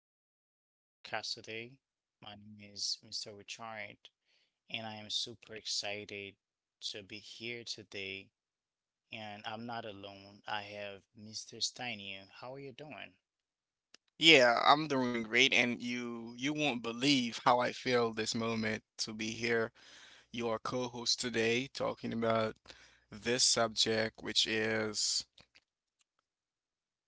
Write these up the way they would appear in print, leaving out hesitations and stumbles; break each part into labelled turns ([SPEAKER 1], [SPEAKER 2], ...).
[SPEAKER 1] Welcome in the podcast today. My name is Mr. Richard, and I am super excited to be here today. And I'm not alone. I have Mr. Steinu. How are you doing?
[SPEAKER 2] Yeah, I'm doing great, and you won't believe how I feel this moment to be here, your co-host today, talking about this subject, which is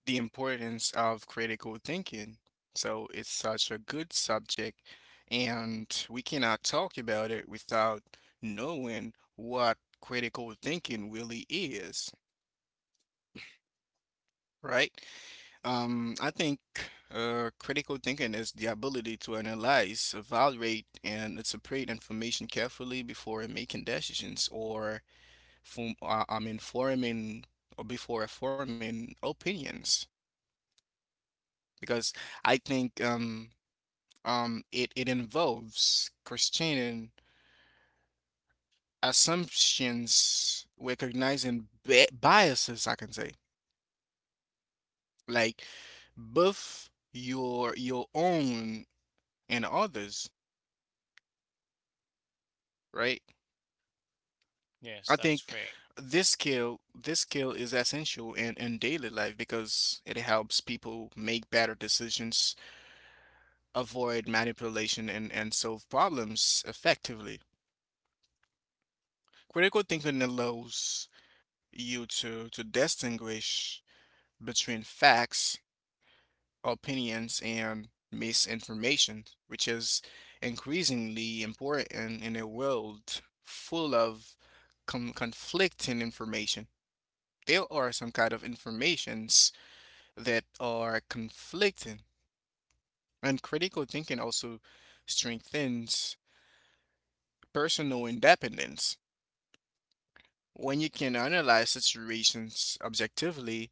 [SPEAKER 2] the importance of critical thinking. So it's such a good subject, and we cannot talk about it without knowing what critical thinking really is, right? I think Critical thinking is the ability to analyze, evaluate, and separate information carefully before making decisions or forming or before forming opinions. Because I think it involves questioning assumptions, recognizing bi biases, I can say, like both your own and others, right?
[SPEAKER 1] Yes,
[SPEAKER 2] I
[SPEAKER 1] that's
[SPEAKER 2] think
[SPEAKER 1] great.
[SPEAKER 2] this skill is essential in daily life because it helps people make better decisions, avoid manipulation and solve problems effectively. Critical thinking allows you to distinguish between facts, opinions, and misinformation, which is increasingly important in a world full of conflicting information. There are some kind of informations that are conflicting. And critical thinking also strengthens personal independence. When you can analyze situations objectively,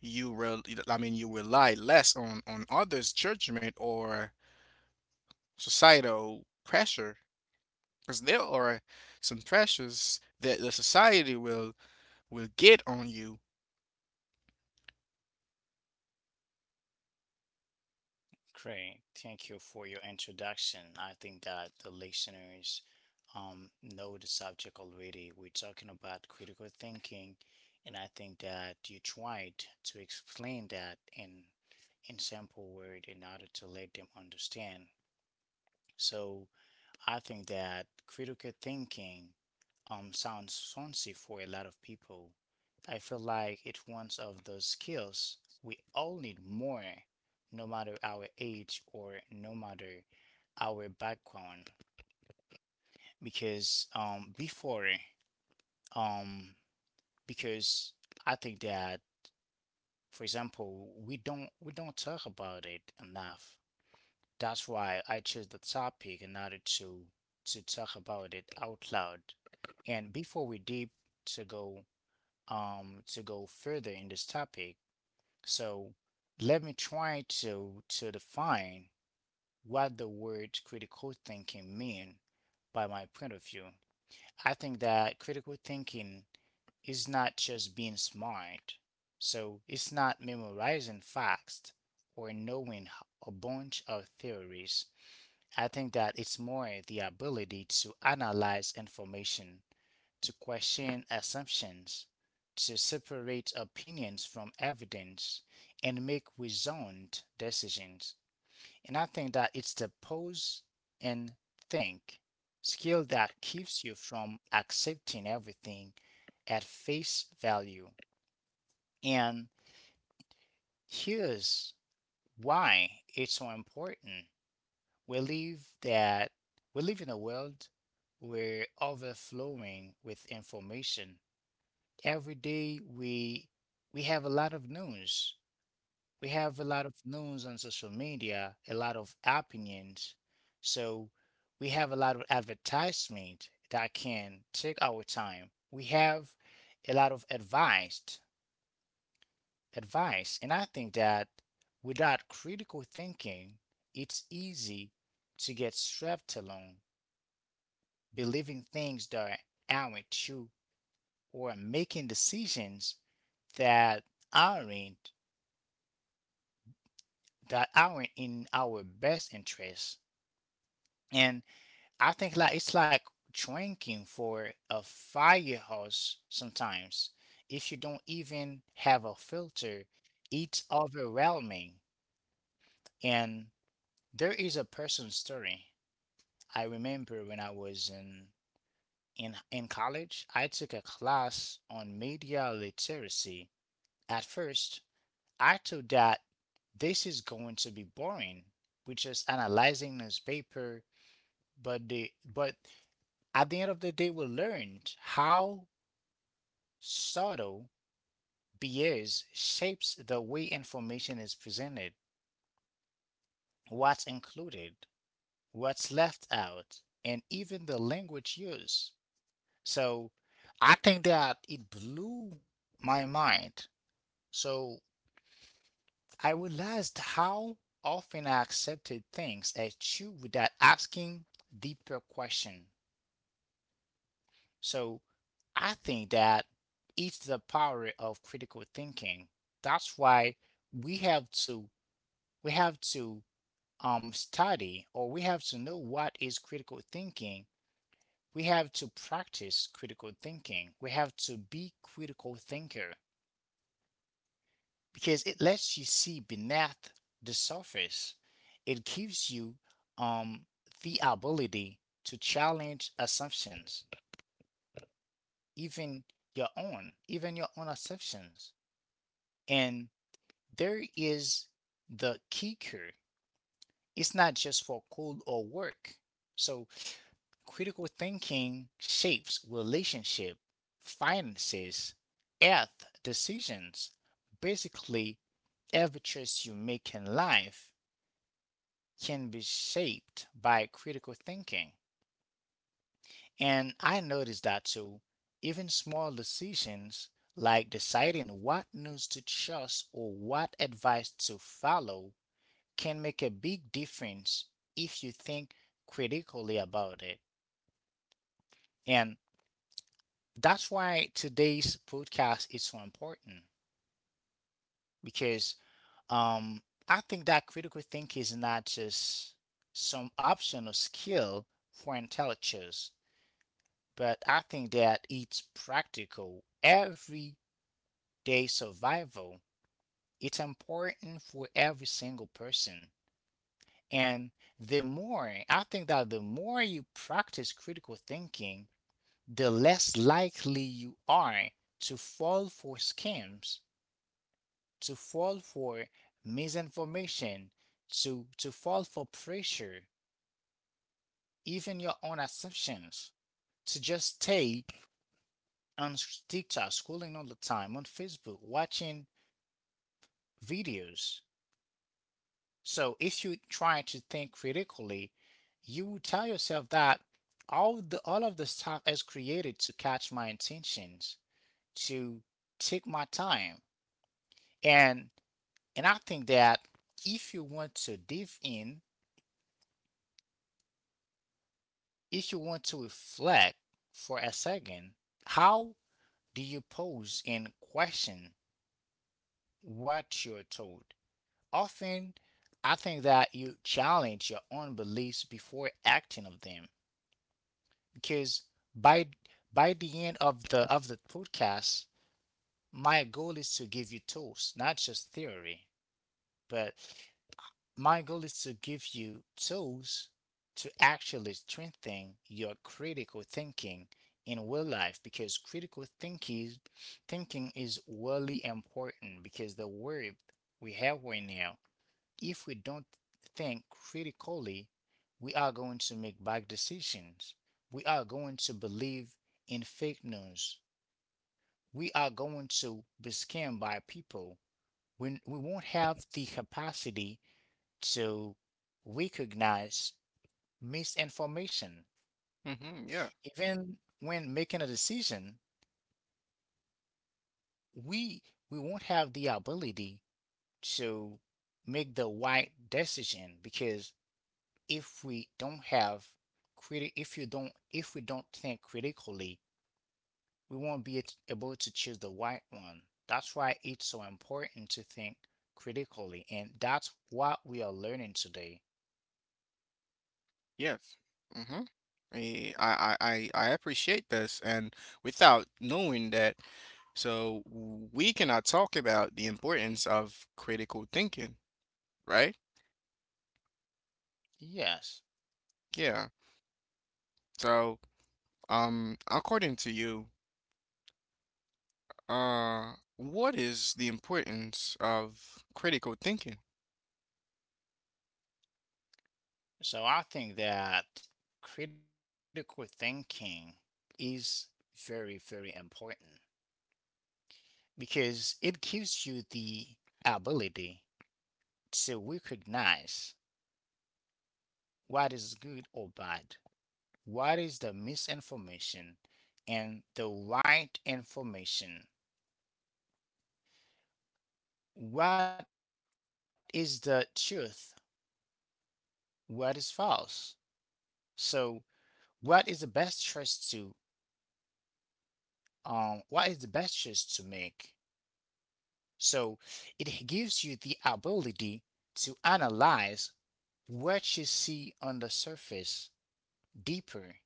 [SPEAKER 2] you will, I mean, you rely less on others' judgment or societal pressure. Because there are some pressures that the society will get on you.
[SPEAKER 1] Great, thank you for your introduction. I think that the listeners know the subject already. We're talking about critical thinking, and I think that you tried to explain that in simple word in order to let them understand. So I think that critical thinking sounds fancy for a lot of people. I feel like it's one of those skills we all need more, no matter our age or no matter our background. Because um before um because I think that, for example, we don't talk about it enough. That's why I chose the topic in order to talk about it out loud. And before we deep to go to go further in this topic, so let me try to define what the word critical thinking mean by my point of view. I think that critical thinking is not just being smart. So it's not memorizing facts or knowing a bunch of theories. I think that it's more the ability to analyze information, to question assumptions, to separate opinions from evidence, and make reasoned decisions. And I think that it's the pause and think skill that keeps you from accepting everything at face value. And here's why it's so important. We live that we live in a world where overflowing with information. Every day we have a lot of news. We have a lot of news on social media, a lot of opinions. So we have a lot of advertisement that can take our time. We have a lot of advice. And I think that without critical thinking, it's easy to get swept along believing things that aren't true, or making decisions that aren't aren't in our best interest. And I think, like, it's like drinking for a firehouse sometimes. If you don't even have a filter, it's overwhelming. And there is a person's story. I remember when I was in college, I took a class on media literacy. At first, I thought that this is going to be boring, which is analyzing newspaper, but the but at the end of the day we learned how subtle bias shapes the way information is presented, what's included, what's left out, and even the language used. So I think that it blew my mind. So I realized how often I accepted things as true without asking deeper questions. So I think that it's the power of critical thinking. That's why we have to we have to study, or we have to know what is critical thinking. We have to practice critical thinking. We have to be critical thinker, because it lets you see beneath the surface. It gives you um, the ability to challenge assumptions, even even your own assumptions. And there is the kicker. It's not just for school or work. So critical thinking shapes relationship, finances, health, decisions, basically every choice you make in life can be shaped by critical thinking. And I noticed that too. Even small decisions like deciding what news to trust or what advice to follow can make a big difference if you think critically about it. And that's why today's podcast is so important, because um, I think that critical thinking is not just some optional skill for intellectuals, but I think that it's practical everyday survival. It's important for every single person. And I think that the more you practice critical thinking, the less likely you are to fall for scams, to fall for misinformation, to fall for pressure, even your own assumptions, to just stay on TikTok, scrolling all the time, on Facebook, watching videos. So if you try to think critically, you will tell yourself that all of the stuff is created to catch my intentions, to take my time. And I think that if you want to dive in, if you want to reflect for a second, how do you pose and question what you're told? Often I think that you challenge your own beliefs before acting of them, because by by the end of the podcast, my goal is to give you tools, not just theory, but my goal is to give you tools to actually strengthen your critical thinking in real life, because critical thinking thinking is really important, because the world we have right now, if we don't think critically, we are going to make bad decisions. We are going to believe in fake news. We are going to be scammed by people, when we won't have the capacity to recognize misinformation.
[SPEAKER 2] Hmm, yeah.
[SPEAKER 1] Even when making a decision, we we won't have the ability to make the right decision, because if we don't have criti- if you don't if we don't think critically, we won't be able to choose the right one. That's why it's so important to think critically, and that's what we are learning today.
[SPEAKER 2] Yes. Mm-hmm. I appreciate this, and without knowing that, so we cannot talk about the importance of critical thinking, right?
[SPEAKER 1] Yes.
[SPEAKER 2] Yeah. So, according to you, what is the importance of critical thinking?
[SPEAKER 1] So I think that critical thinking is very, very important, because it gives you the ability to recognize what is good or bad. What is the misinformation and the right information? What is the truth? What is false? So, what is the best choice to make? So, it gives you the ability to analyze what you see on the surface deeper.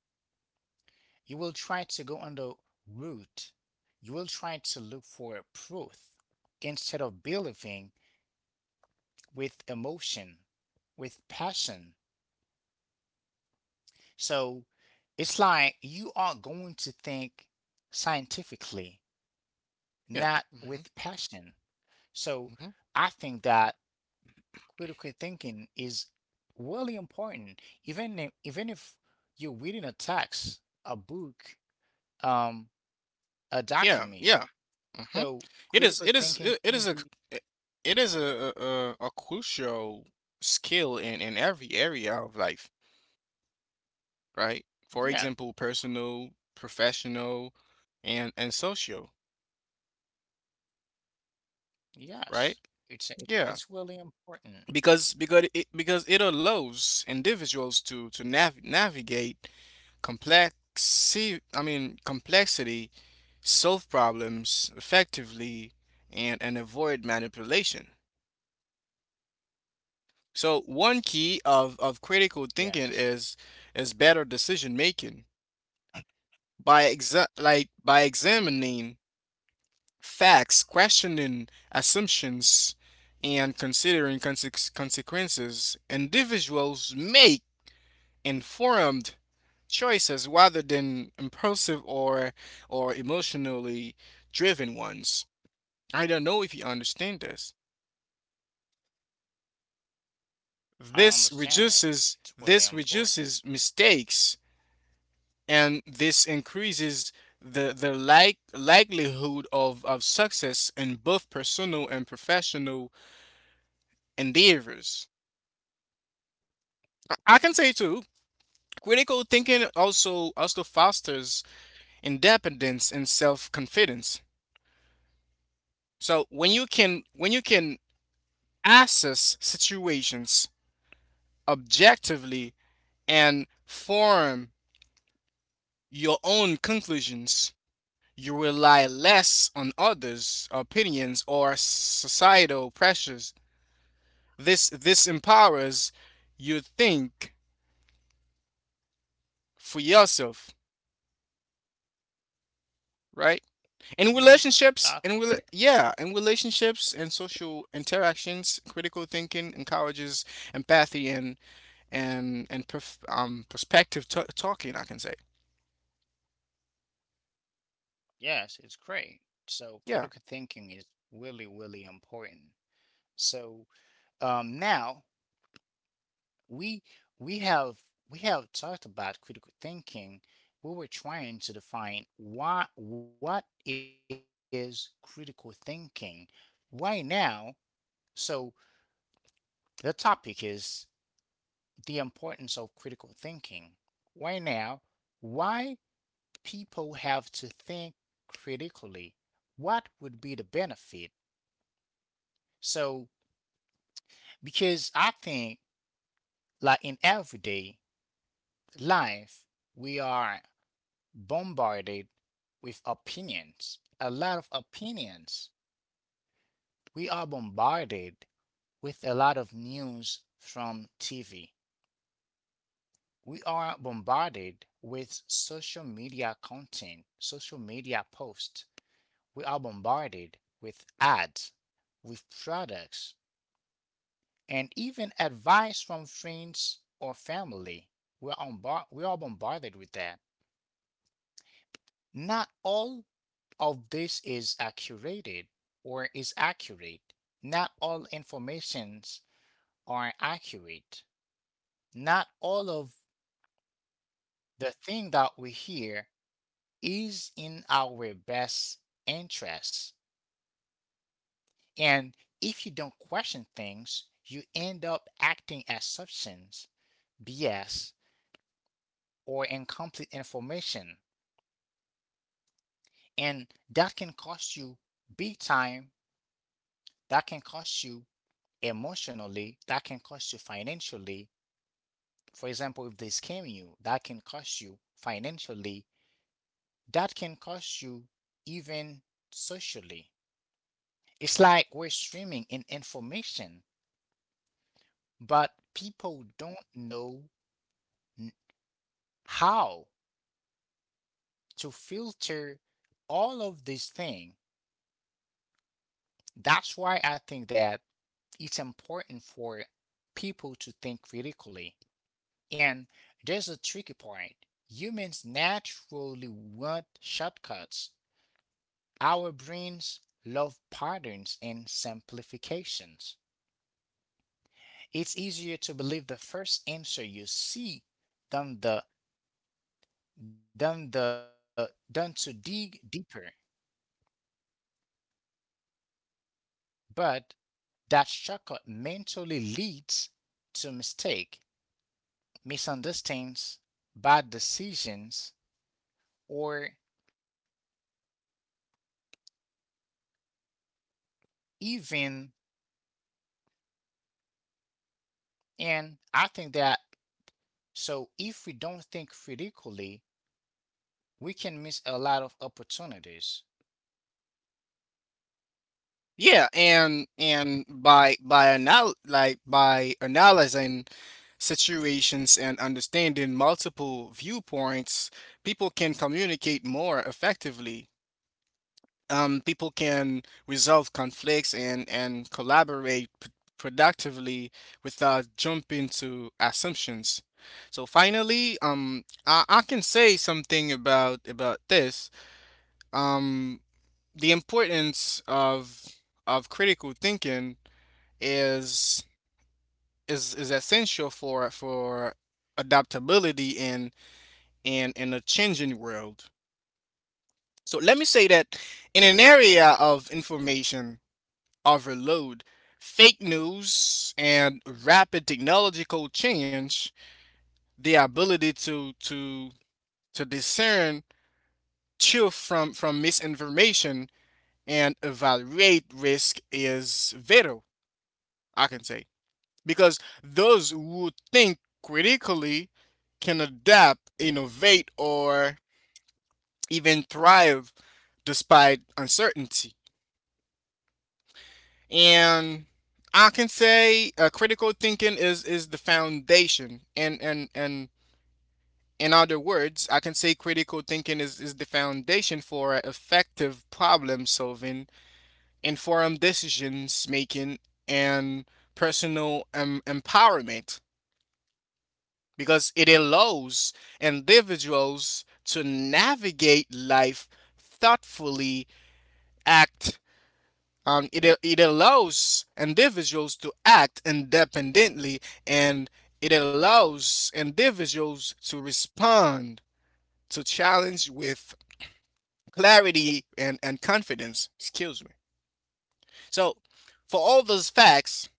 [SPEAKER 1] You will try to go on the root. You will try to look for proof instead of believing with emotion, with passion. So it's like you are going to think scientifically,
[SPEAKER 2] Yeah.
[SPEAKER 1] not
[SPEAKER 2] Mm-hmm.
[SPEAKER 1] with passion. So
[SPEAKER 2] Mm-hmm.
[SPEAKER 1] I think that critical thinking is really important. Even if, you're reading a text, a book, um, a
[SPEAKER 2] Yeah. Yeah.
[SPEAKER 1] document.
[SPEAKER 2] Mm-hmm.
[SPEAKER 1] So
[SPEAKER 2] It is. It
[SPEAKER 1] critical
[SPEAKER 2] is.
[SPEAKER 1] thinking can be,
[SPEAKER 2] It it is a crucial skill in every area of life. Right? For
[SPEAKER 1] yeah,
[SPEAKER 2] example, personal, professional, and social, right?
[SPEAKER 1] yes. It's
[SPEAKER 2] Yeah,
[SPEAKER 1] really important.
[SPEAKER 2] because it allows individuals to navigate complex complexity, solve problems effectively, and avoid manipulation. So one key of critical
[SPEAKER 1] Yes.
[SPEAKER 2] thinking is better decision making by examining facts, questioning assumptions, and considering consequences, individuals make informed choices rather than impulsive or emotionally driven ones. I don't know if you understand this.
[SPEAKER 1] I understand
[SPEAKER 2] This
[SPEAKER 1] it. It's
[SPEAKER 2] reduces
[SPEAKER 1] really
[SPEAKER 2] this
[SPEAKER 1] important.
[SPEAKER 2] reduces mistakes and this increases the likelihood of success in both personal and professional endeavors. I can say too, critical thinking also fosters independence and self-confidence. So when you can assess situations objectively and form your own conclusions, you rely less on others' opinions or societal pressures. This empowers you to think for yourself, right? In
[SPEAKER 1] Yeah,
[SPEAKER 2] relationships,
[SPEAKER 1] that's
[SPEAKER 2] in
[SPEAKER 1] right.
[SPEAKER 2] rela- yeah, In relationships and social interactions, critical thinking encourages empathy and perspective talking. I can say,
[SPEAKER 1] Yes, it's great. So
[SPEAKER 2] yeah.
[SPEAKER 1] critical thinking is really, really important. So now we we have we have talked about critical thinking. We were trying to define what is critical thinking right now. So the topic is the importance of critical thinking. Right now, why people have to think critically, what would be the benefit? So, because I think, like, in everyday life we are bombarded with opinions, a lot of opinions. We are bombarded with a lot of news from TV. We are bombarded with social media content, social media posts. We are bombarded with ads, with products, and even advice from friends or family. We are bombarded with that. Not all of this is accurate or is accurate. Not all informations are accurate. Not all of the thing that we hear is in our best interest. And if you don't question things, you end up acting as substance, BS, or incomplete information, and that can cost you big time. That can cost you emotionally, that can cost you financially. For example, if they scam you, that can cost you financially, that can cost you even socially. It's like we're streaming in information, but people don't know n- how to filter all of these things. That's why I think that it's important for people to think critically. And there's a tricky point. Humans naturally want shortcuts. Our brains love patterns and simplifications. It's easier to believe the first answer you see than the than the than to dig deeper. But that shortcut mentally leads to mistake, misunderstandings, bad decisions, or even, and I think that, so if we don't think critically, we can miss a lot of opportunities.
[SPEAKER 2] Yeah, and by analyzing situations and understanding multiple viewpoints, people can communicate more effectively, people can resolve conflicts and collaborate productively without jumping to assumptions. So finally, I can say something about this. Um, the importance of critical thinking is is essential for adaptability in a changing world. So let me say that in an area of information overload, fake news, and rapid technological change, the ability to discern truth from misinformation and evaluate risk is vital. I can say, because those who think critically can adapt, innovate, or even thrive despite uncertainty. And I can say, critical thinking is the foundation. And in other words, I can say critical thinking is the foundation for effective problem solving, informed decisions making, and personal empowerment, because it allows individuals to navigate life thoughtfully, act. It allows individuals to act independently, and it allows individuals to respond to challenge with clarity and confidence. Excuse me. So, for all those facts,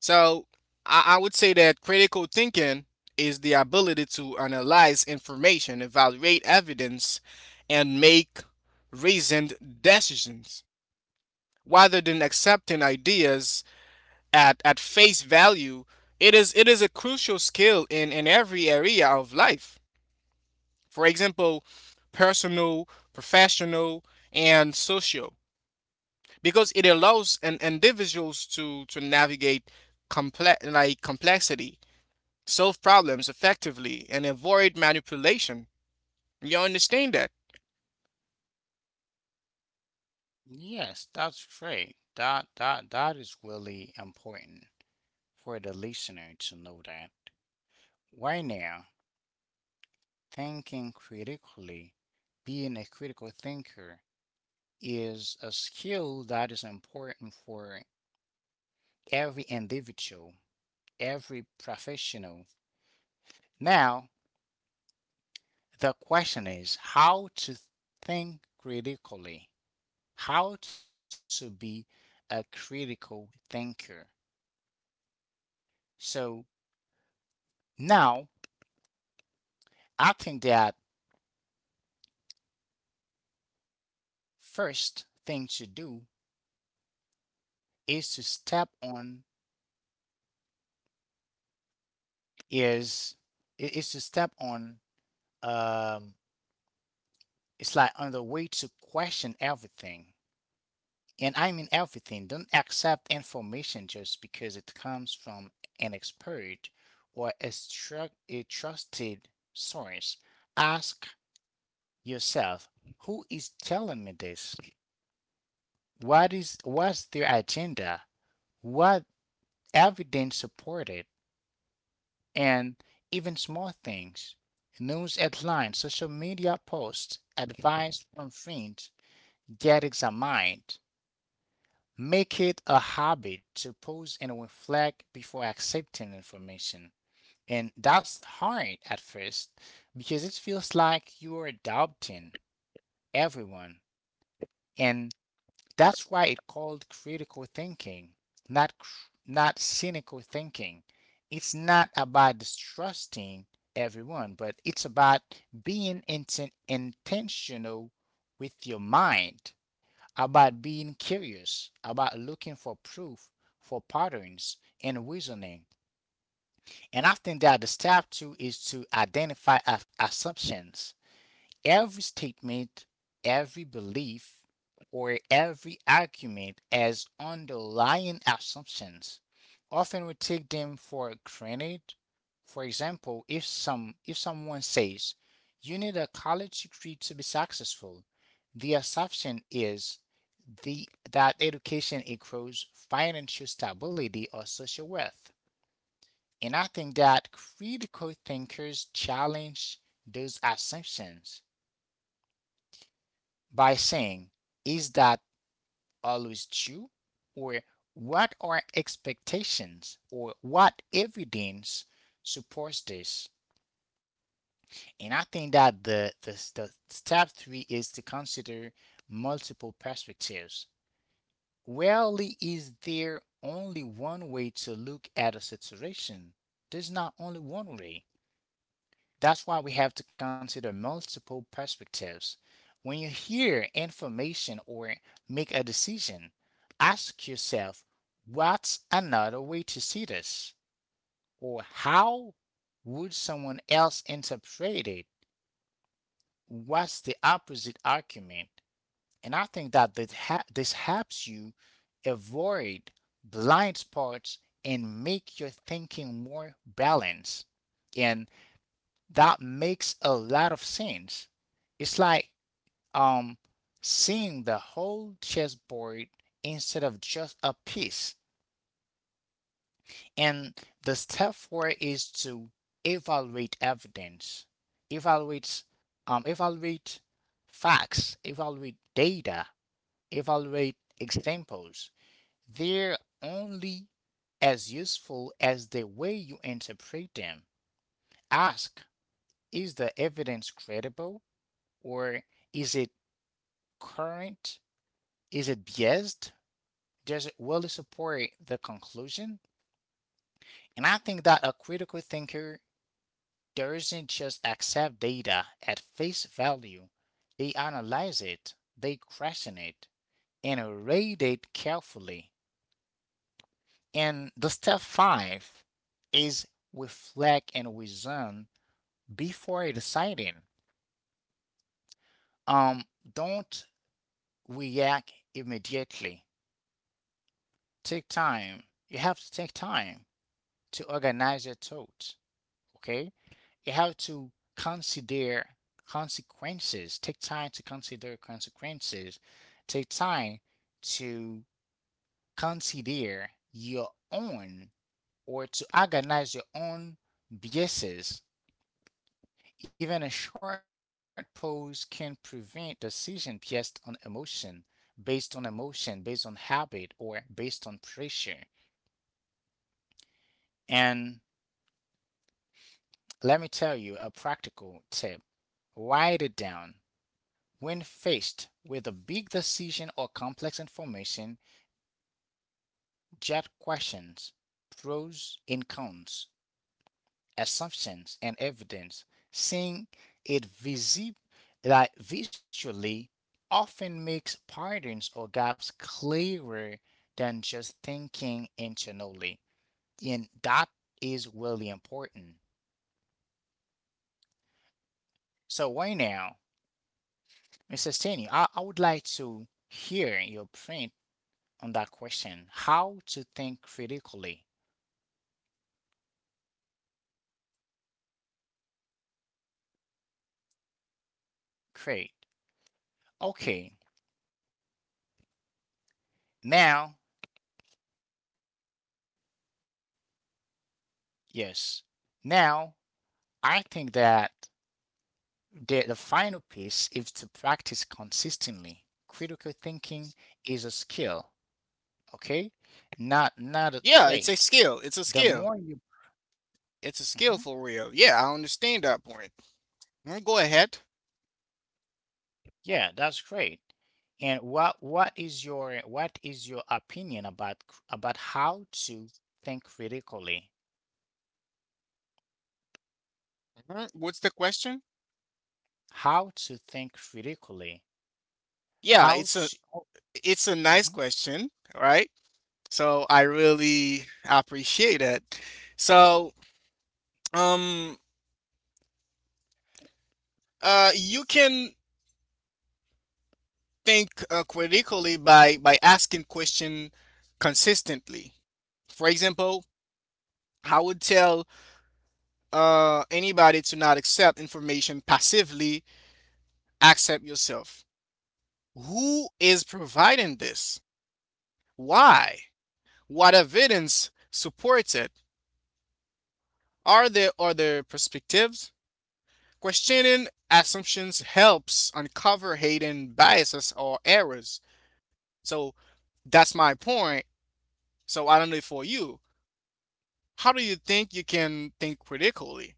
[SPEAKER 2] so I would say that critical thinking is the ability to analyze information, evaluate evidence, and make reasoned decisions rather than accepting ideas at face value. It is it is a crucial skill in every area of life. For example, personal, professional, and social, because it allows an individuals to navigate complexity, solve problems effectively, and avoid manipulation. You understand that?
[SPEAKER 1] Yes, that's great. That is really important for the listener to know that. Right now, thinking critically, being a critical thinker is a skill that is important for every individual, every professional. Now, the question is how to think critically, how to be a critical thinker. So now I think that first thing to do is to step on is is to step on, um it's like on the way to question everything. And I mean everything. Don't accept information just because it comes from an expert or a a trusted source. Ask yourself, who is telling me this? What's their agenda? What evidence supported? And even small things. News headlines, social media posts, advice from friends, get examined. Make it a habit to pause and reflect before accepting information. And that's hard at first because it feels like you are doubting everyone. And that's why it's called critical thinking, not cynical thinking. It's not about distrusting everyone, but it's about being intentional with your mind, about being curious, about looking for proof, for patterns and reasoning. And I think that the step two is to identify assumptions. Every statement, every belief, or every argument has underlying assumptions. Often we take them for granted. For example, if someone says you need a college degree to be successful, the assumption is the that education equals financial stability or social worth. And I think that critical thinkers challenge those assumptions by saying, is that always true? Or what are expectations, or what evidence supports this? And I think that the step three is to consider multiple perspectives. Rarely is there only one way to look at a situation. There's not only one way. That's why we have to consider multiple perspectives. When you hear information or make a decision, ask yourself, what's another way to see this? Or how would someone else interpret it? What's the opposite argument? And I think that this helps you avoid blind spots and make your thinking more balanced. And that makes a lot of sense. It's like um seeing the whole chessboard instead of just a piece. And the step four is to evaluate evidence, evaluate evaluate facts, evaluate data, evaluate examples. They're only as useful as the way you interpret them. Ask, is the evidence credible? Or is it current? Is it biased? Does it really support the conclusion? And I think that a critical thinker doesn't just accept data at face value, they analyze it, they question it, and rate it carefully. And the step five is reflect and reason before deciding. Um, don't react immediately. Take time. You have to take time to organize your thoughts. Okay? You have to consider consequences. Take time to consider consequences. Take time to consider your own or to organize your own biases. Even a short pause can prevent decision based on emotion, based on emotion, based on habit, or based on pressure. And let me tell you a practical tip. Write it down. When faced with a big decision or complex information, jot questions, pros and cons, assumptions and evidence. Seeing it visually often makes patterns or gaps clearer than just thinking internally. And that is really important. So, why now? Mrs. Stanley, I would like to hear your print on that question. How to think critically. Great. Okay. Now, yes. Now, I think that the final piece is to practice consistently. Critical thinking is a skill, okay? Not a trait.
[SPEAKER 2] Yeah, it's a skill.
[SPEAKER 1] The
[SPEAKER 2] It's a
[SPEAKER 1] more you
[SPEAKER 2] skill. It's a
[SPEAKER 1] mhm.
[SPEAKER 2] skill for real. Yeah, I understand that point. Mm, go ahead.
[SPEAKER 1] Yeah, that's great. And what is your opinion about about how to think critically?
[SPEAKER 2] Mhm. What's the question?
[SPEAKER 1] How to think critically?
[SPEAKER 2] Yeah,
[SPEAKER 1] How
[SPEAKER 2] it's a.
[SPEAKER 1] to oh,
[SPEAKER 2] It's a nice
[SPEAKER 1] mhm.
[SPEAKER 2] question, right? So I really appreciate it. So, um, you can think critically by asking question consistently. For example, I would tell anybody to not accept information passively. Accept yourself. Who is providing this? Why? What evidence supports it? Are there other perspectives? Questioning assumptions helps uncover hidden biases or errors. So that's my point. So I don't know for you, how do you think you can think critically?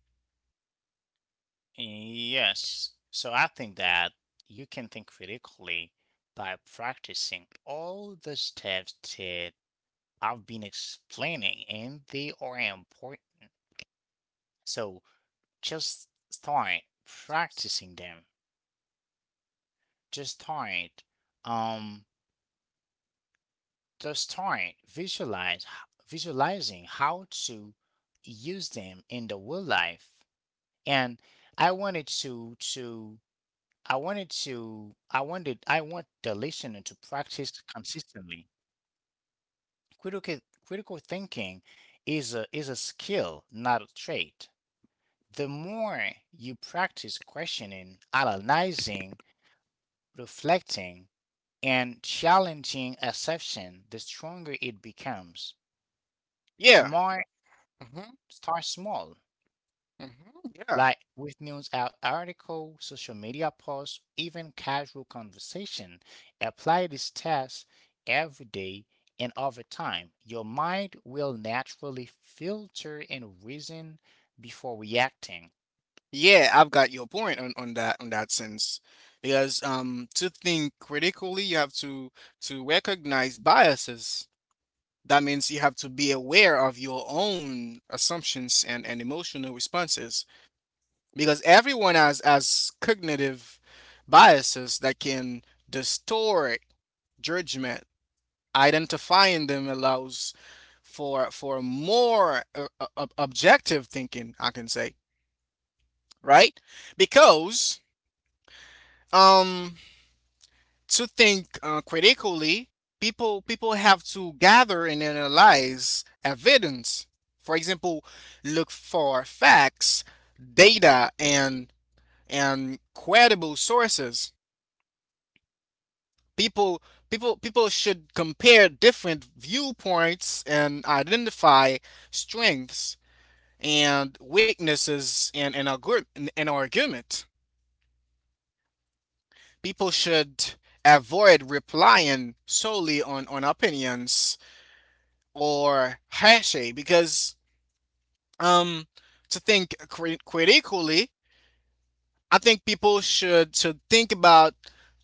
[SPEAKER 1] Yes. So I think that you can think critically by practicing all the steps that I've been explaining, and they are important. So just start practicing them. Just start. Um to start visualize, visualizing how to use them in the real life. And I wanted to I wanted I want the listener to practice consistently. Critical critical thinking is a skill, not a trait. The more you practice questioning, analyzing, reflecting, and challenging assumption, the stronger it becomes.
[SPEAKER 2] Yeah. Hmm.
[SPEAKER 1] Start small,
[SPEAKER 2] Hmm. Yeah.
[SPEAKER 1] like with news out article, social media posts, even casual conversation. Apply these tests every day and over time. Your mind will naturally filter and reason before reacting.
[SPEAKER 2] Yeah, I've got your point on that sense. Because um, to think critically you have to recognize biases. That means you have to be aware of your own assumptions and emotional responses. Because everyone has cognitive biases that can distort judgment. Identifying them allows for more objective thinking, I can say, right? Because um, to think critically, people have to gather and analyze evidence. For example, look for facts, data, and credible sources. people People should compare different viewpoints and identify strengths and weaknesses in an argument. People should avoid relying solely on opinions or hashay. Because um, to think critically, I think people should think about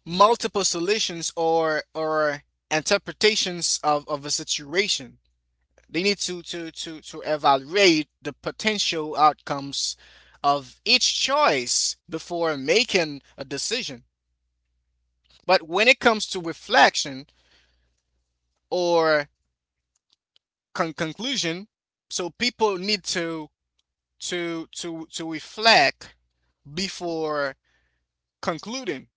[SPEAKER 2] multiple solutions or interpretations of a situation. They need to to evaluate the potential outcomes of each choice before making a decision. But when it comes to reflection or conclusion, so people need to to reflect before concluding.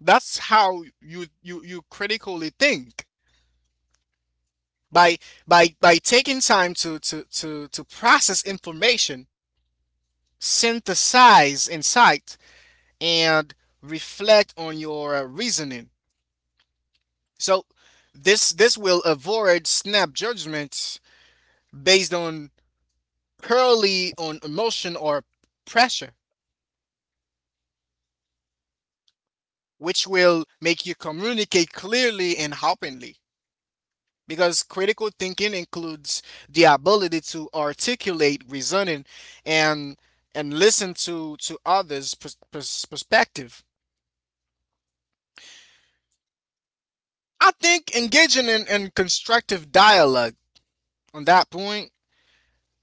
[SPEAKER 2] That's how you critically think by taking time to to process information, synthesize insight, and reflect on your reasoning. So this will avoid snap judgments based on purely on emotion or pressure, which will make you communicate clearly and openly. Because critical thinking includes the ability to articulate reasoning and and listen to others' perspective. I think engaging in constructive dialogue on that point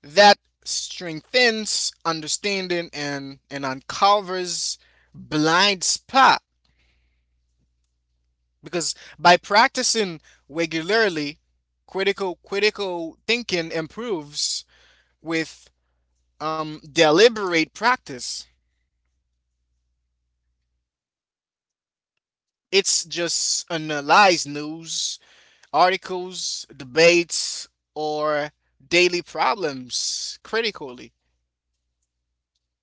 [SPEAKER 2] that strengthens understanding and uncovers blind spot. Because by practicing regularly, critical thinking improves with deliberate practice. It's just analyze news articles, debates, or daily problems critically.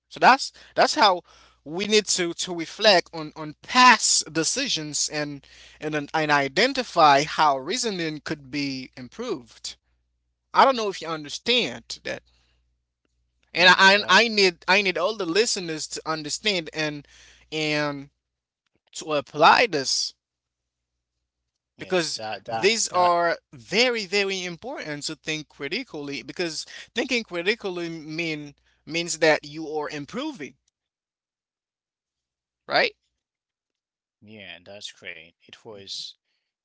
[SPEAKER 2] So that's how we need to reflect on past decisions and and identify how reasoning could be improved. I don't know if you understand that, and
[SPEAKER 1] Yeah,
[SPEAKER 2] I
[SPEAKER 1] that
[SPEAKER 2] I need I need all the listeners to understand and to apply this,
[SPEAKER 1] yes,
[SPEAKER 2] because
[SPEAKER 1] that that
[SPEAKER 2] these
[SPEAKER 1] that
[SPEAKER 2] are very important to think critically, because thinking critically means that you are improving, right?
[SPEAKER 1] yeah, that's great. It was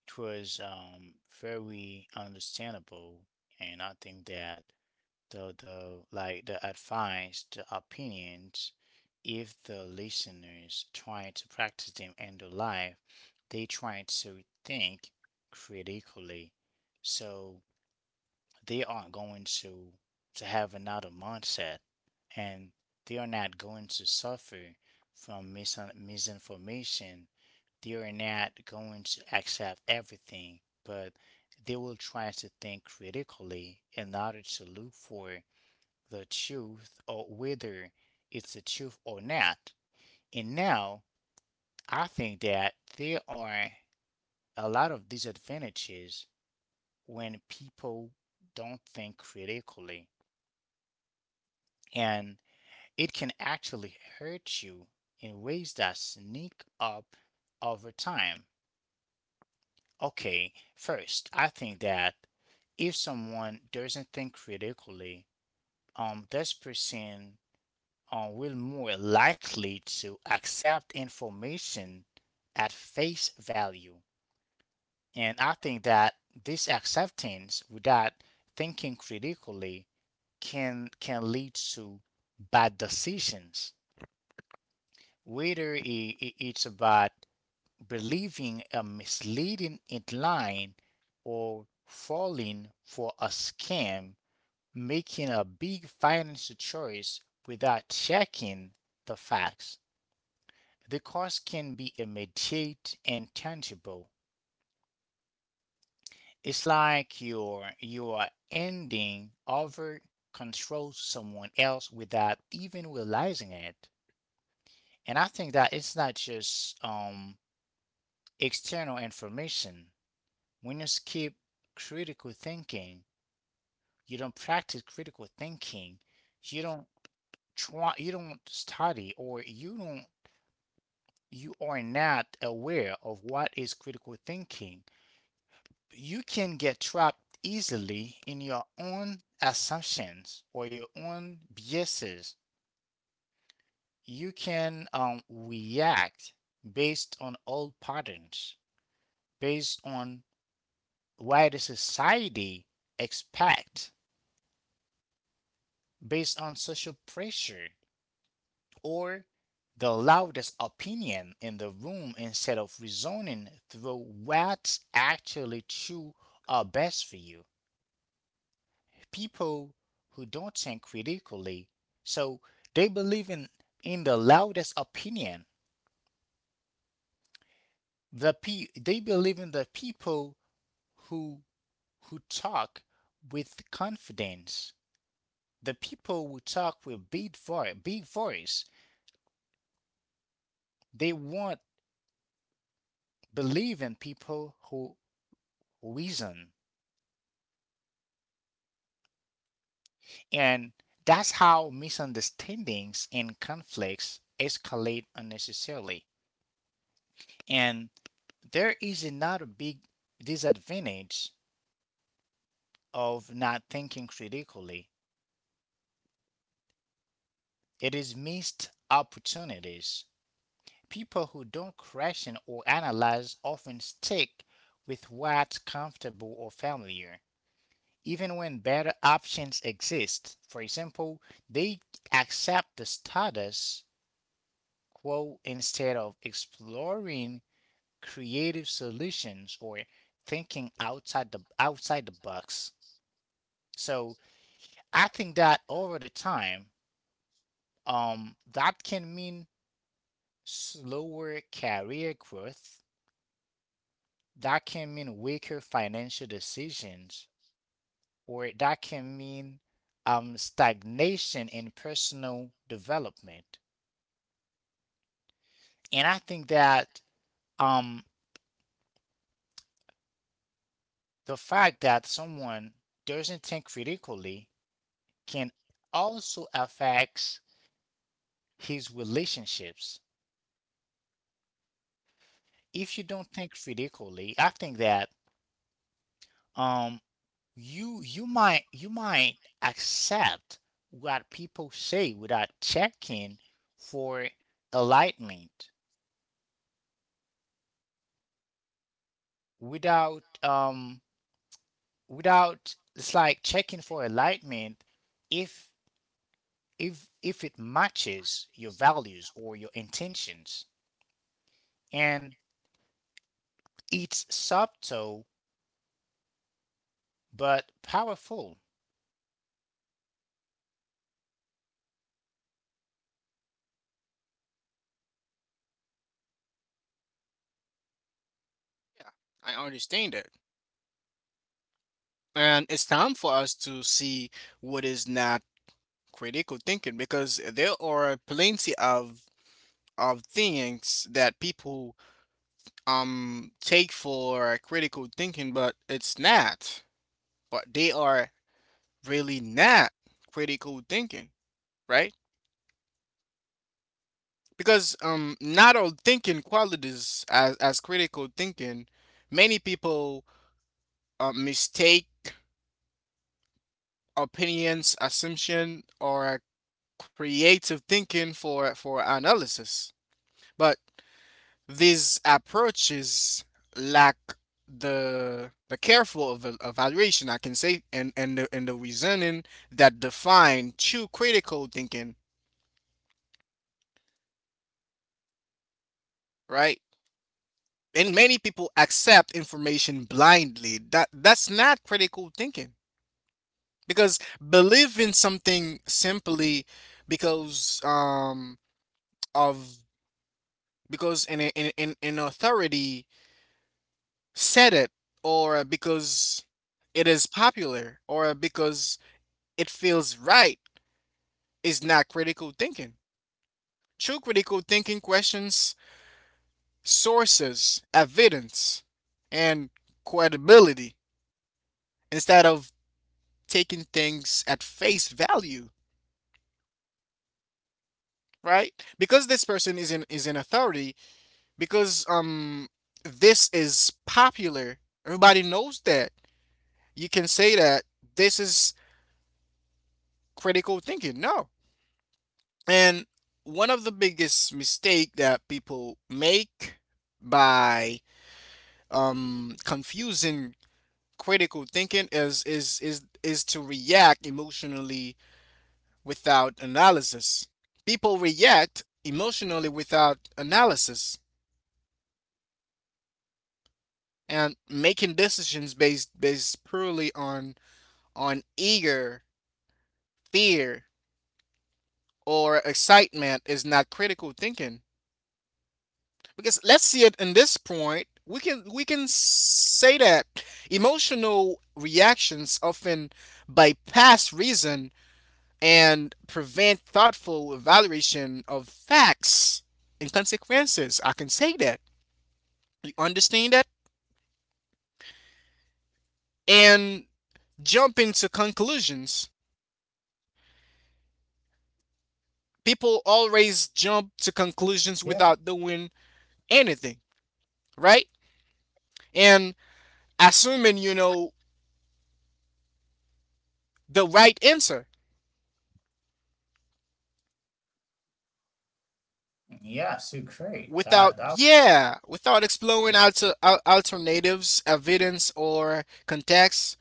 [SPEAKER 1] it was very understandable, and I think that the advice, the opinions, if the listeners try to practice them in their life, they try to think critically. So they aren't going to have another mindset, and they are not going to suffer from misinformation. They are not going to accept everything, but they will try to think critically in order to look for the truth or whether it's the truth or not. And now I think that there are a lot of disadvantages when people don't think critically, and it can actually hurt you in ways that sneak up over time. Okay, first, I think that if someone doesn't think critically, this person are will more likely to accept information at face value. And I think that this acceptance without thinking critically can lead to bad decisions. Whether it's about believing a misleading headline or falling for a scam, making a big financial choice without checking the facts. The cost can be immediate and tangible. It's like you are ending over control someone else without even realizing it. And I think that it's not just external information. When you skip critical thinking, you don't practice critical thinking, you don't study or you don't, you are not aware of what is critical thinking, you can get trapped easily in your own assumptions or your own biases. You can react based on old patterns, based on why the society expect, based on social pressure, or the loudest opinion in the room instead of reasoning through what's actually true or best for you. People who don't think critically. So they believe in the loudest opinion. They believe in the people who who talk with confidence. The people who talk with big voice, big voice. They won't believe in people who reason. And that's how misunderstandings and conflicts escalate unnecessarily. And there is another big disadvantage of not thinking critically. It is missed opportunities. People who don't question or analyze often stick with what's comfortable or familiar, even when better options exist. For example, they accept the status quo instead of exploring creative solutions or thinking outside the box. So I think that over the time, that can mean slower career growth, that can mean weaker financial decisions, or that can mean stagnation in personal development. And I think that um, the fact that someone doesn't think critically can also affect his relationships. If you don't think critically, I think that um. you might accept what people say without checking for alignment, without without it's like checking for alignment, if if it matches your values or your intentions, and it's subtle but powerful.
[SPEAKER 2] Yeah, I understand that. And it's time for us to see what is not critical thinking, because there are plenty of things that people um, take for critical thinking, but it's not. But they are really not critical thinking, right? Because um, not all thinking qualities as critical thinking. Many people mistake opinions, assumption, or creative thinking for analysis. But these approaches lack the careful evaluation, I can say, and the reasoning that define true critical thinking, right? And many people accept information blindly. That that's not critical thinking, because believing something simply because um of because in a- in in authority said it, or because it is popular, or because it feels right, is not critical thinking. True critical thinking questions sources, evidence, and credibility instead of taking things at face value, right? Because this person is in is an authority, because um, this is popular, everybody knows that. You can say that this is critical thinking. No. And one of the biggest mistake that people make by confusing critical thinking is is to react emotionally without analysis. People react emotionally without analysis, and making decisions based purely on eager, fear, or excitement is not critical thinking. Because let's see it in this point, we can say that emotional reactions often bypass reason and prevent thoughtful evaluation of facts and consequences, I can say that. You understand that? And jump into conclusions. People always jump to conclusions without
[SPEAKER 1] Yeah,
[SPEAKER 2] doing anything, right? And assuming you know the right answer
[SPEAKER 1] yeah, so
[SPEAKER 2] without,
[SPEAKER 1] great. That that
[SPEAKER 2] yeah, without exploring
[SPEAKER 1] way.
[SPEAKER 2] alternatives, evidence, or context.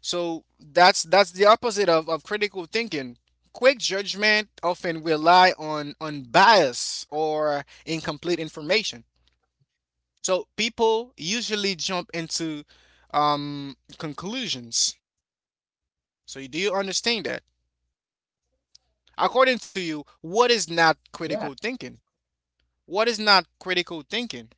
[SPEAKER 2] So that's the opposite of critical thinking. Quick judgment often rely on bias or incomplete information. So people usually jump into um, conclusions. So do you understand that? According to you,
[SPEAKER 1] Yeah.
[SPEAKER 2] what is not critical thinking? What is not critical thinking?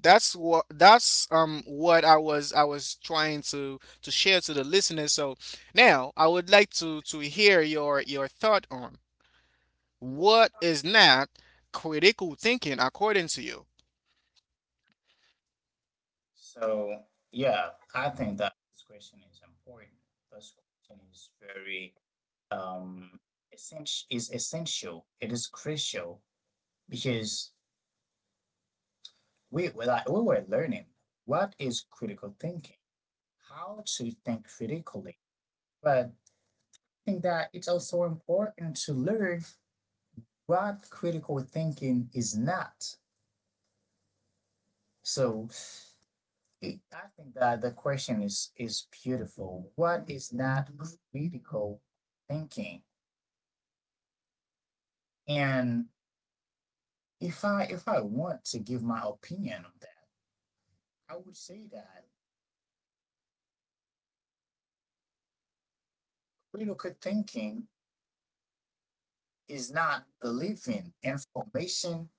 [SPEAKER 2] That's what that's um, what I was trying to share to the listeners. So now I would like to hear your thought on what is not critical thinking according to you.
[SPEAKER 1] So, yeah, I think that this question is important. This question is very um essential. It is crucial because we were learning what is critical thinking, how to think critically. But I think that it's also important to learn what critical thinking is not. So I think that the question is beautiful. What is that critical thinking? And if I want to give my opinion on that, I would say that critical thinking is not believing information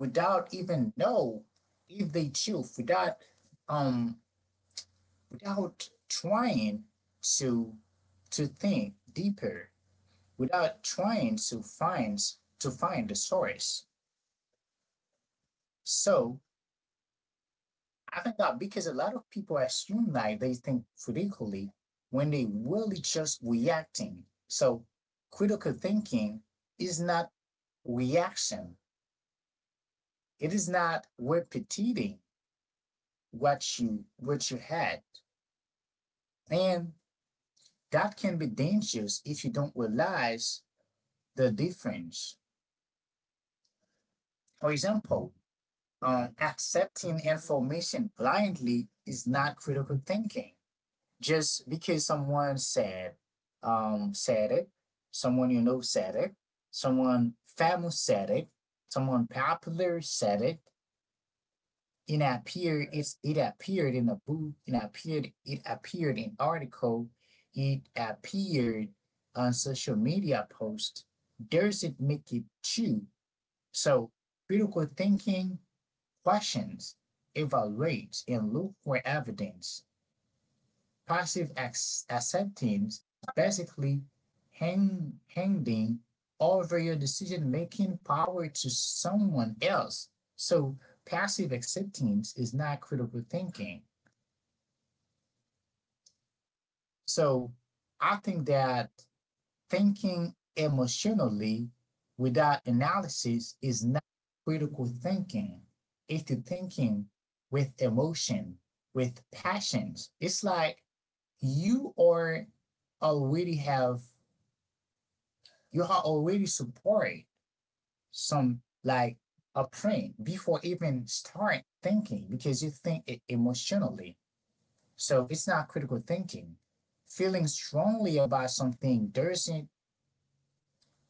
[SPEAKER 1] without even know if they choose without um trying to to think deeper, without trying to find the source. So I think that, because a lot of people assume that they think critically when they really just reacting. So critical thinking is not reaction. It is not repeating what you had. And that can be dangerous if you don't realize the difference. For example, accepting information blindly is not critical thinking. Just because someone said said it, someone you know said it, someone famous said it, someone popular said it. It appeared, it appeared in a book. It appeared, it appeared in article. It appeared on social media post. Doesn't make it true. So critical thinking questions, evaluates, and look for evidence. Passive acceptance basically handing over your decision making power to someone else. So passive acceptance is not critical thinking. So I think that thinking emotionally without analysis is not critical thinking. It's the thinking with emotion, with passions. It's like you are already have you are already supporting some like a print before even start thinking because you think it emotionally. So it's not critical thinking. Feeling strongly about something doesn't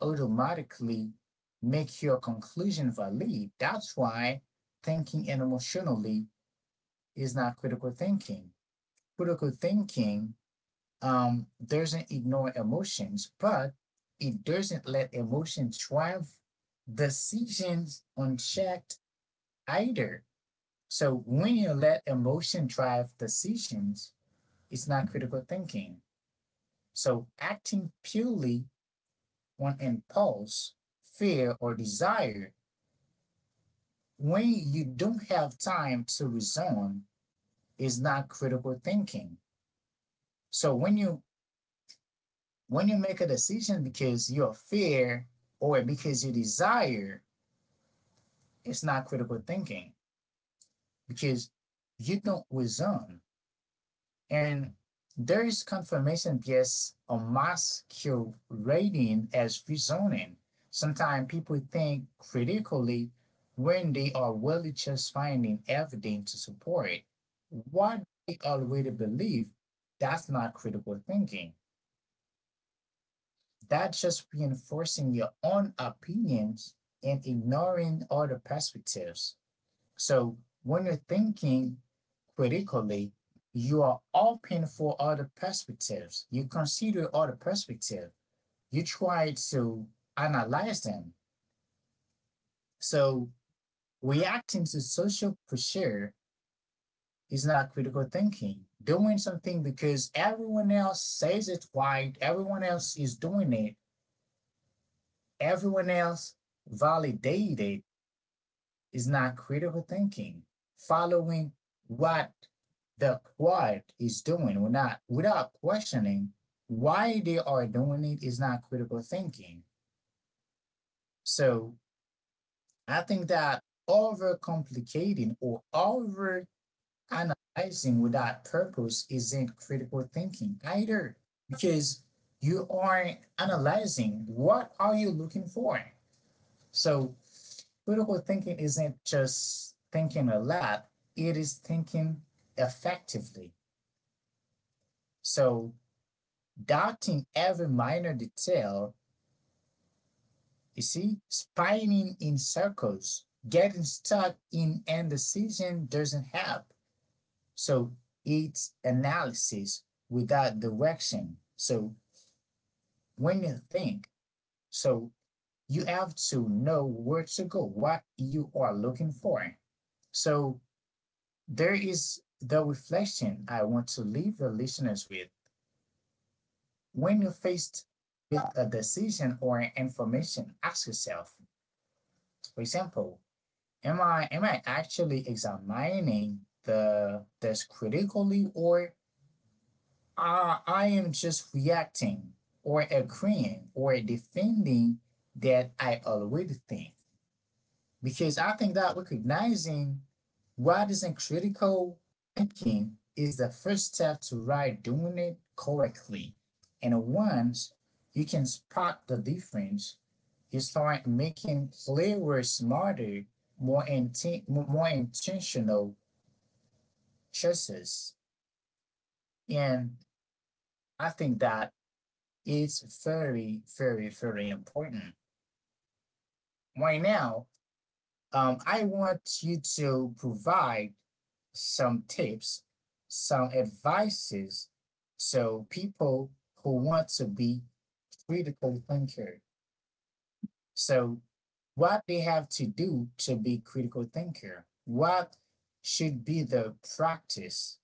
[SPEAKER 1] automatically make your conclusion valid. That's why thinking emotionally is not critical thinking. Critical thinking doesn't ignore emotions, but it doesn't let emotions drive decisions unchecked either. So when you let emotion drive decisions, it's not critical thinking. So acting purely on impulse, fear, or desire when you don't have time to reason is not critical thinking. So when you make a decision because your fear or because you desire, it's not critical thinking because you don't reason. And there is confirmation bias or masquerading as reasoning. Sometimes people think critically when they are really just finding evidence to support what they already believe. That's not critical thinking. That's just reinforcing your own opinions and ignoring other perspectives. So when you're thinking critically, you are open for other perspectives. You consider other perspectives. You try to analyze them. So reacting to social pressure is not critical thinking. Doing something because everyone else says it right, everyone else is doing it, everyone else validated is not critical thinking, following what the quad is doing without, without questioning why they are doing it is not critical thinking. So I think that overcomplicating or over analyzing without purpose isn't critical thinking either because you aren't analyzing what are you looking for. So critical thinking isn't just thinking a lot, it is thinking effectively. So, doubting every minor detail, you see, spinning in circles, getting stuck in indecision doesn't help. So, it's analysis without direction. So, when you think, so you have to know where to go, what you are looking for. So, there is the reflection I want to leave the listeners with. When you're faced with a decision or information, ask yourself, for example, am I actually examining the this critically or I am just reacting or agreeing or defending that I already think? Because I think that recognizing writing critical thinking is the first step to right doing it correctly. And once you can spot the difference, you start making clearer, smarter, more intentional choices. And I think that is very important. Right now, I want you to provide some tips, some advices to people who want to be critical thinker. So what they have to do to be critical thinker, what should be the practice,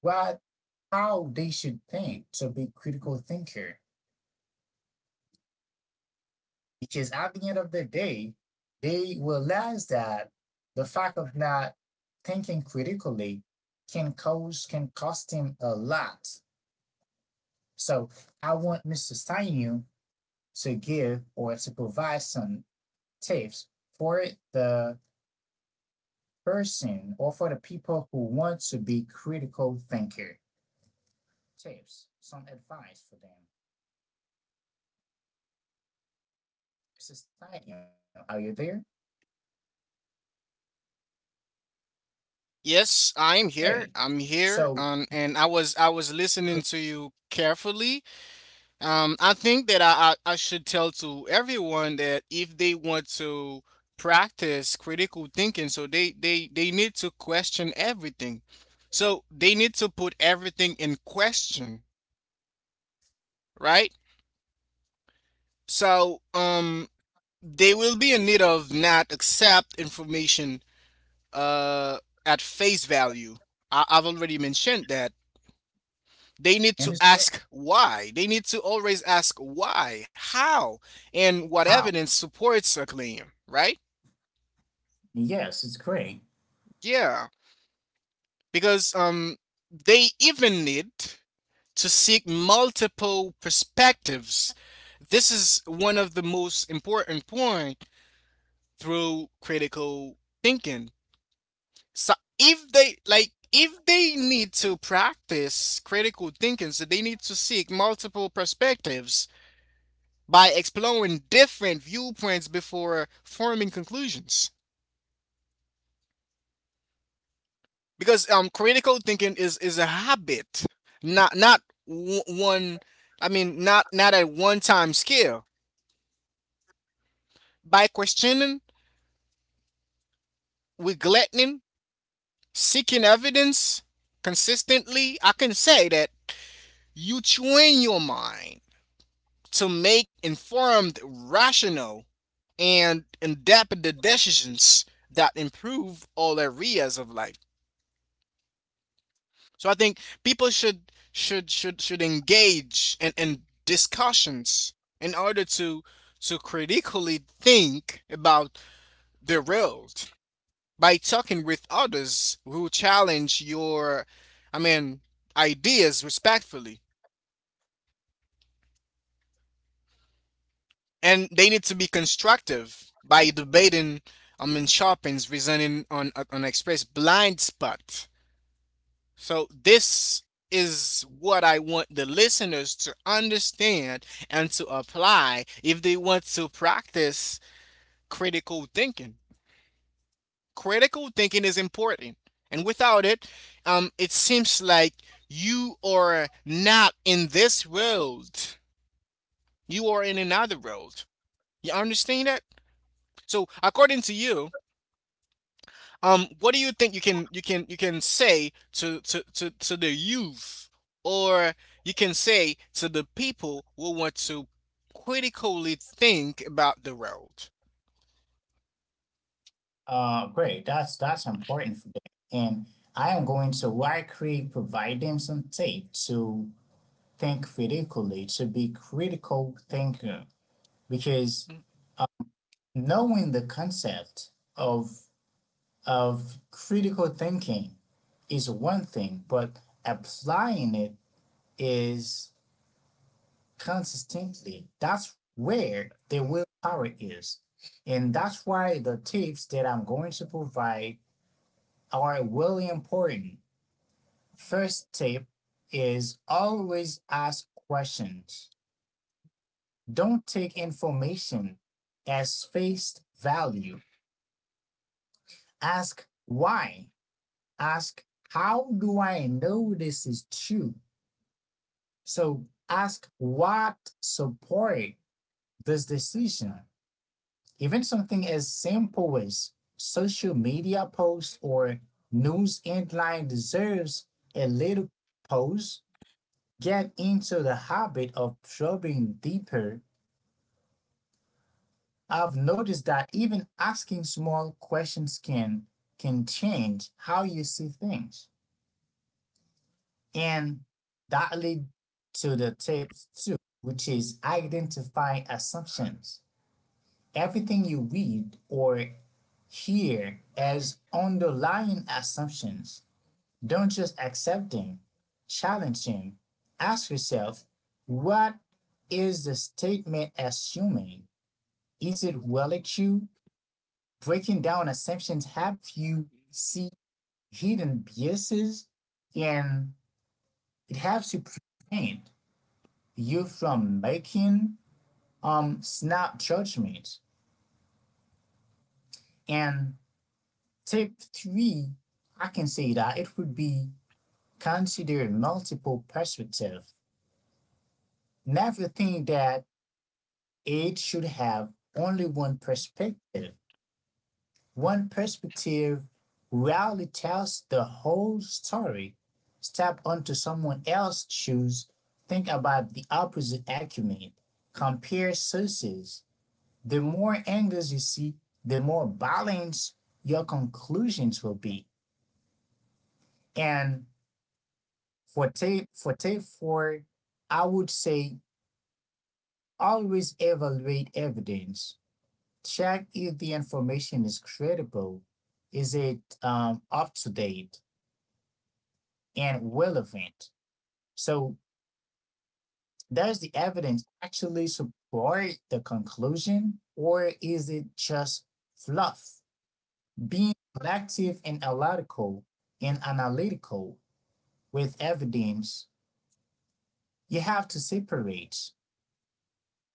[SPEAKER 1] what how they should think to be critical thinker, because at the end of the day, they realize that the fact of not thinking critically can cost him a lot. So I want Mr. Steinu to give or to provide some tips for the person or for the people who want to be critical thinker. Tips, some advice for them. Mr. Steinu, are you there? Great.
[SPEAKER 2] Yes, I'm here.
[SPEAKER 1] So
[SPEAKER 2] I'm here. And I was listening to you carefully. I think that I should tell to everyone that if they want to practice critical thinking, so they need to question everything. So they need to put everything in question, right? So um, they will be in need of not accept information uh, at face value. I've already mentioned that. They need
[SPEAKER 1] and
[SPEAKER 2] to
[SPEAKER 1] it's great.
[SPEAKER 2] ask why. They need to always ask why, how, and what
[SPEAKER 1] How?
[SPEAKER 2] evidence supports a claim, right?
[SPEAKER 1] Yes, it's great.
[SPEAKER 2] Yeah, because they even need to seek multiple perspectives. This is one of the most important point through critical thinking. So if they like if they need to practice critical thinking, so they need to seek multiple perspectives by exploring different viewpoints before forming conclusions. Because critical thinking is a habit, not not w- one. I mean, not at one time scale. By questioning, neglecting, seeking evidence consistently, I can say that you train your mind to make informed, rational, and in depth decisions that improve all areas of life. So I think people should engage in discussions in order to critically think about the world by talking with others who challenge your I mean ideas respectfully. And they need to be constructive by debating. Sharpens reasoning on express blind spot. So this is what I want the listeners to understand and to apply if they want to practice critical thinking. Critical thinking is important. And without it, it seems like you are not in this world. You are in another world. You understand that? So according to you, what do you think you can say to the youth, or you can say to the people who want to critically think about the road?
[SPEAKER 1] Great. That's important for them. And I am going to likely provide them some tape to think critically, to be critical thinker, because knowing the concept of of critical thinking is one thing, but applying it is consistently. That's where the willpower is. And that's why the tips that I'm going to provide are really important. First tip is always ask questions. Don't take information as face value. Ask why. Ask how do I know this is true? So ask what support this decision. Even something as simple as social media post or news headline deserves a little pause. Get into the habit of probing deeper, I've noticed that even asking small questions can change how you see things. And that leads to the tip two, which is identify assumptions. Everything you read or hear has underlying assumptions. Don't just accept them, challenge them. Ask yourself, what is the statement assuming? Is it well at you? Breaking down assumptions helps you see hidden biases, and it helps to prevent you from making snap judgments. And tip three, I can say that it would be consider multiple perspective. Never think that it should have only one perspective. One perspective rarely tells the whole story. Step onto someone else's shoes, think about the opposite argument, compare sources. The more angles you see, the more balanced your conclusions will be. And for tape four, I would say always evaluate evidence. Check if the information is credible. Is it up to date and relevant. So does the evidence actually support the conclusion or is it just fluff? Being collective and analytical and analytical with evidence, you have to separate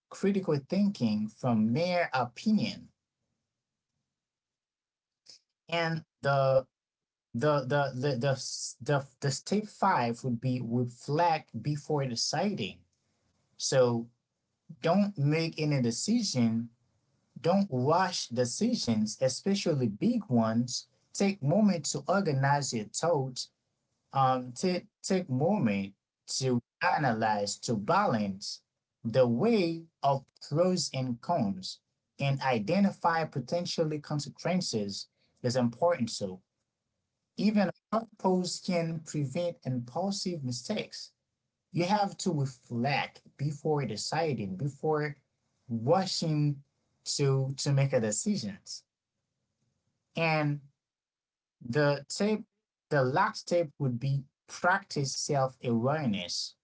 [SPEAKER 1] critical thinking from mere opinion. And the the the the, the step five would be reflect before deciding. So don't make any decision Don't rush decisions, especially big ones. Take moment to organize your thoughts. Take moment to analyze, to balance the way of pros and cons, and identify potentially consequences is important. So even a short pause can prevent impulsive mistakes. You have to reflect before deciding, before rushing to make a decisions. And the tip, the last tip would be practice self awareness.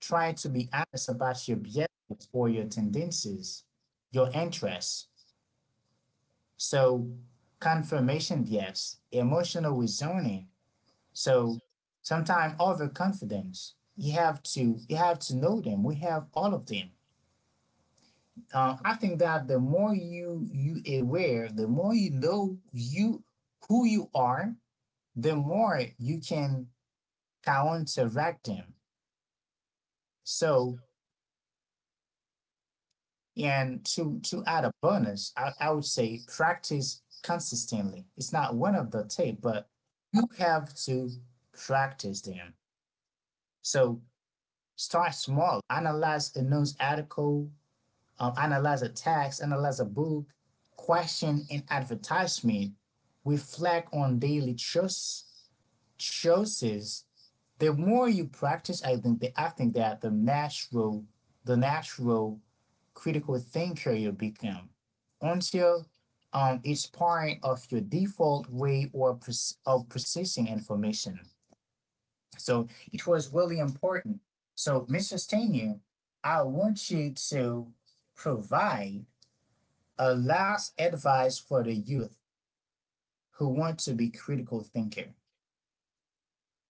[SPEAKER 1] Try to be honest about your behaviors or your tendencies, your interests. So confirmation bias, emotional reasoning. So sometimes overconfidence. You have to know them. We have all of them. I think that the more you aware, the more you know you who you are, the more you can counteract them. So and to add a bonus, I would say practice consistently. It's not one of the tape, but you have to practice them. So start small. Analyze a news article, analyze a text, analyze a book, question an advertisement, reflect on choices. The more you practice, I think that the natural critical thinker you become until it's part of your default way or of processing information. So it was really important. So, Mr. Stanier, I want you to provide a last advice for the youth who want to be critical thinker.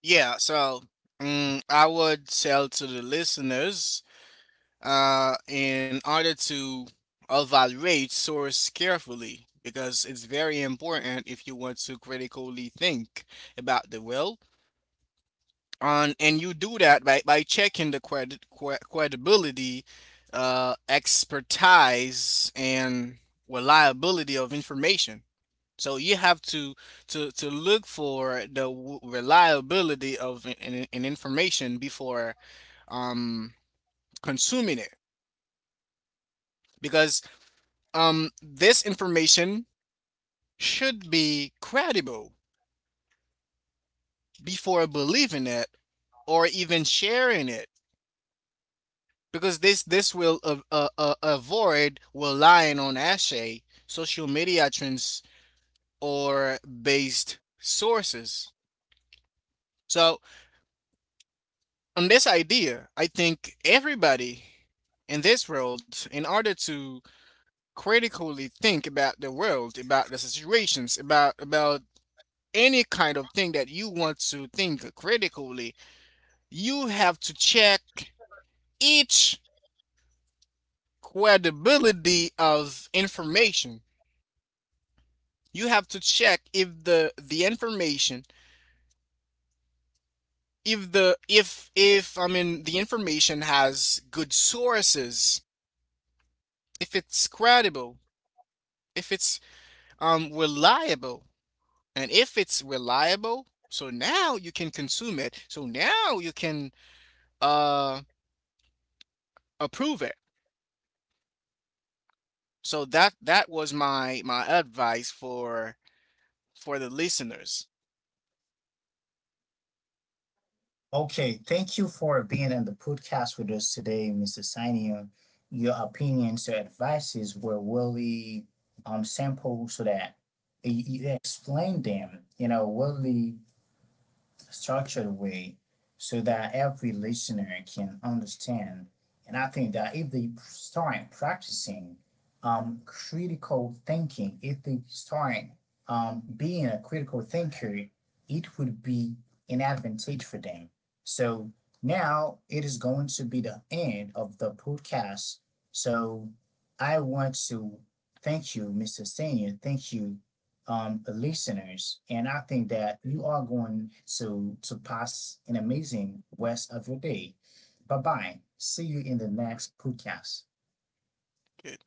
[SPEAKER 2] Yeah, so I would tell to the listeners, in order to evaluate source carefully because it's very important if you want to critically think about the world. And you do that by checking the credibility, expertise and reliability of information. So you have to to look for the reliability of an information before um consuming it, because this information should be credible before believing it or even sharing it, because this will avoid relying on ashay social media trends or based sources. So on this idea, I think everybody in this world, in order to critically think about the world, about the situations, about any kind of thing that you want to think critically, you have to check each credibility of information. You have to check if the information, if the if I mean the information has good sources, if it's credible, if it's reliable. And if it's reliable, so now you can consume it, so now you can uh approve it. So that that was my my advice for the listeners.
[SPEAKER 1] Okay, thank you for being on the podcast with us today, Mr. Sinion. Your opinions, your advices were really simple so that you explained them, you know, really structured way so that every listener can understand. And I think that if they start practicing critical thinking, if they start being a critical thinker, it would be an advantage for them. So now it is going to be the end of the podcast. So I want to thank you, Mr. Senior. Thank you listeners, and I think that you are going to pass an amazing rest of your day. Bye bye. See you in the next podcast.
[SPEAKER 2] Good.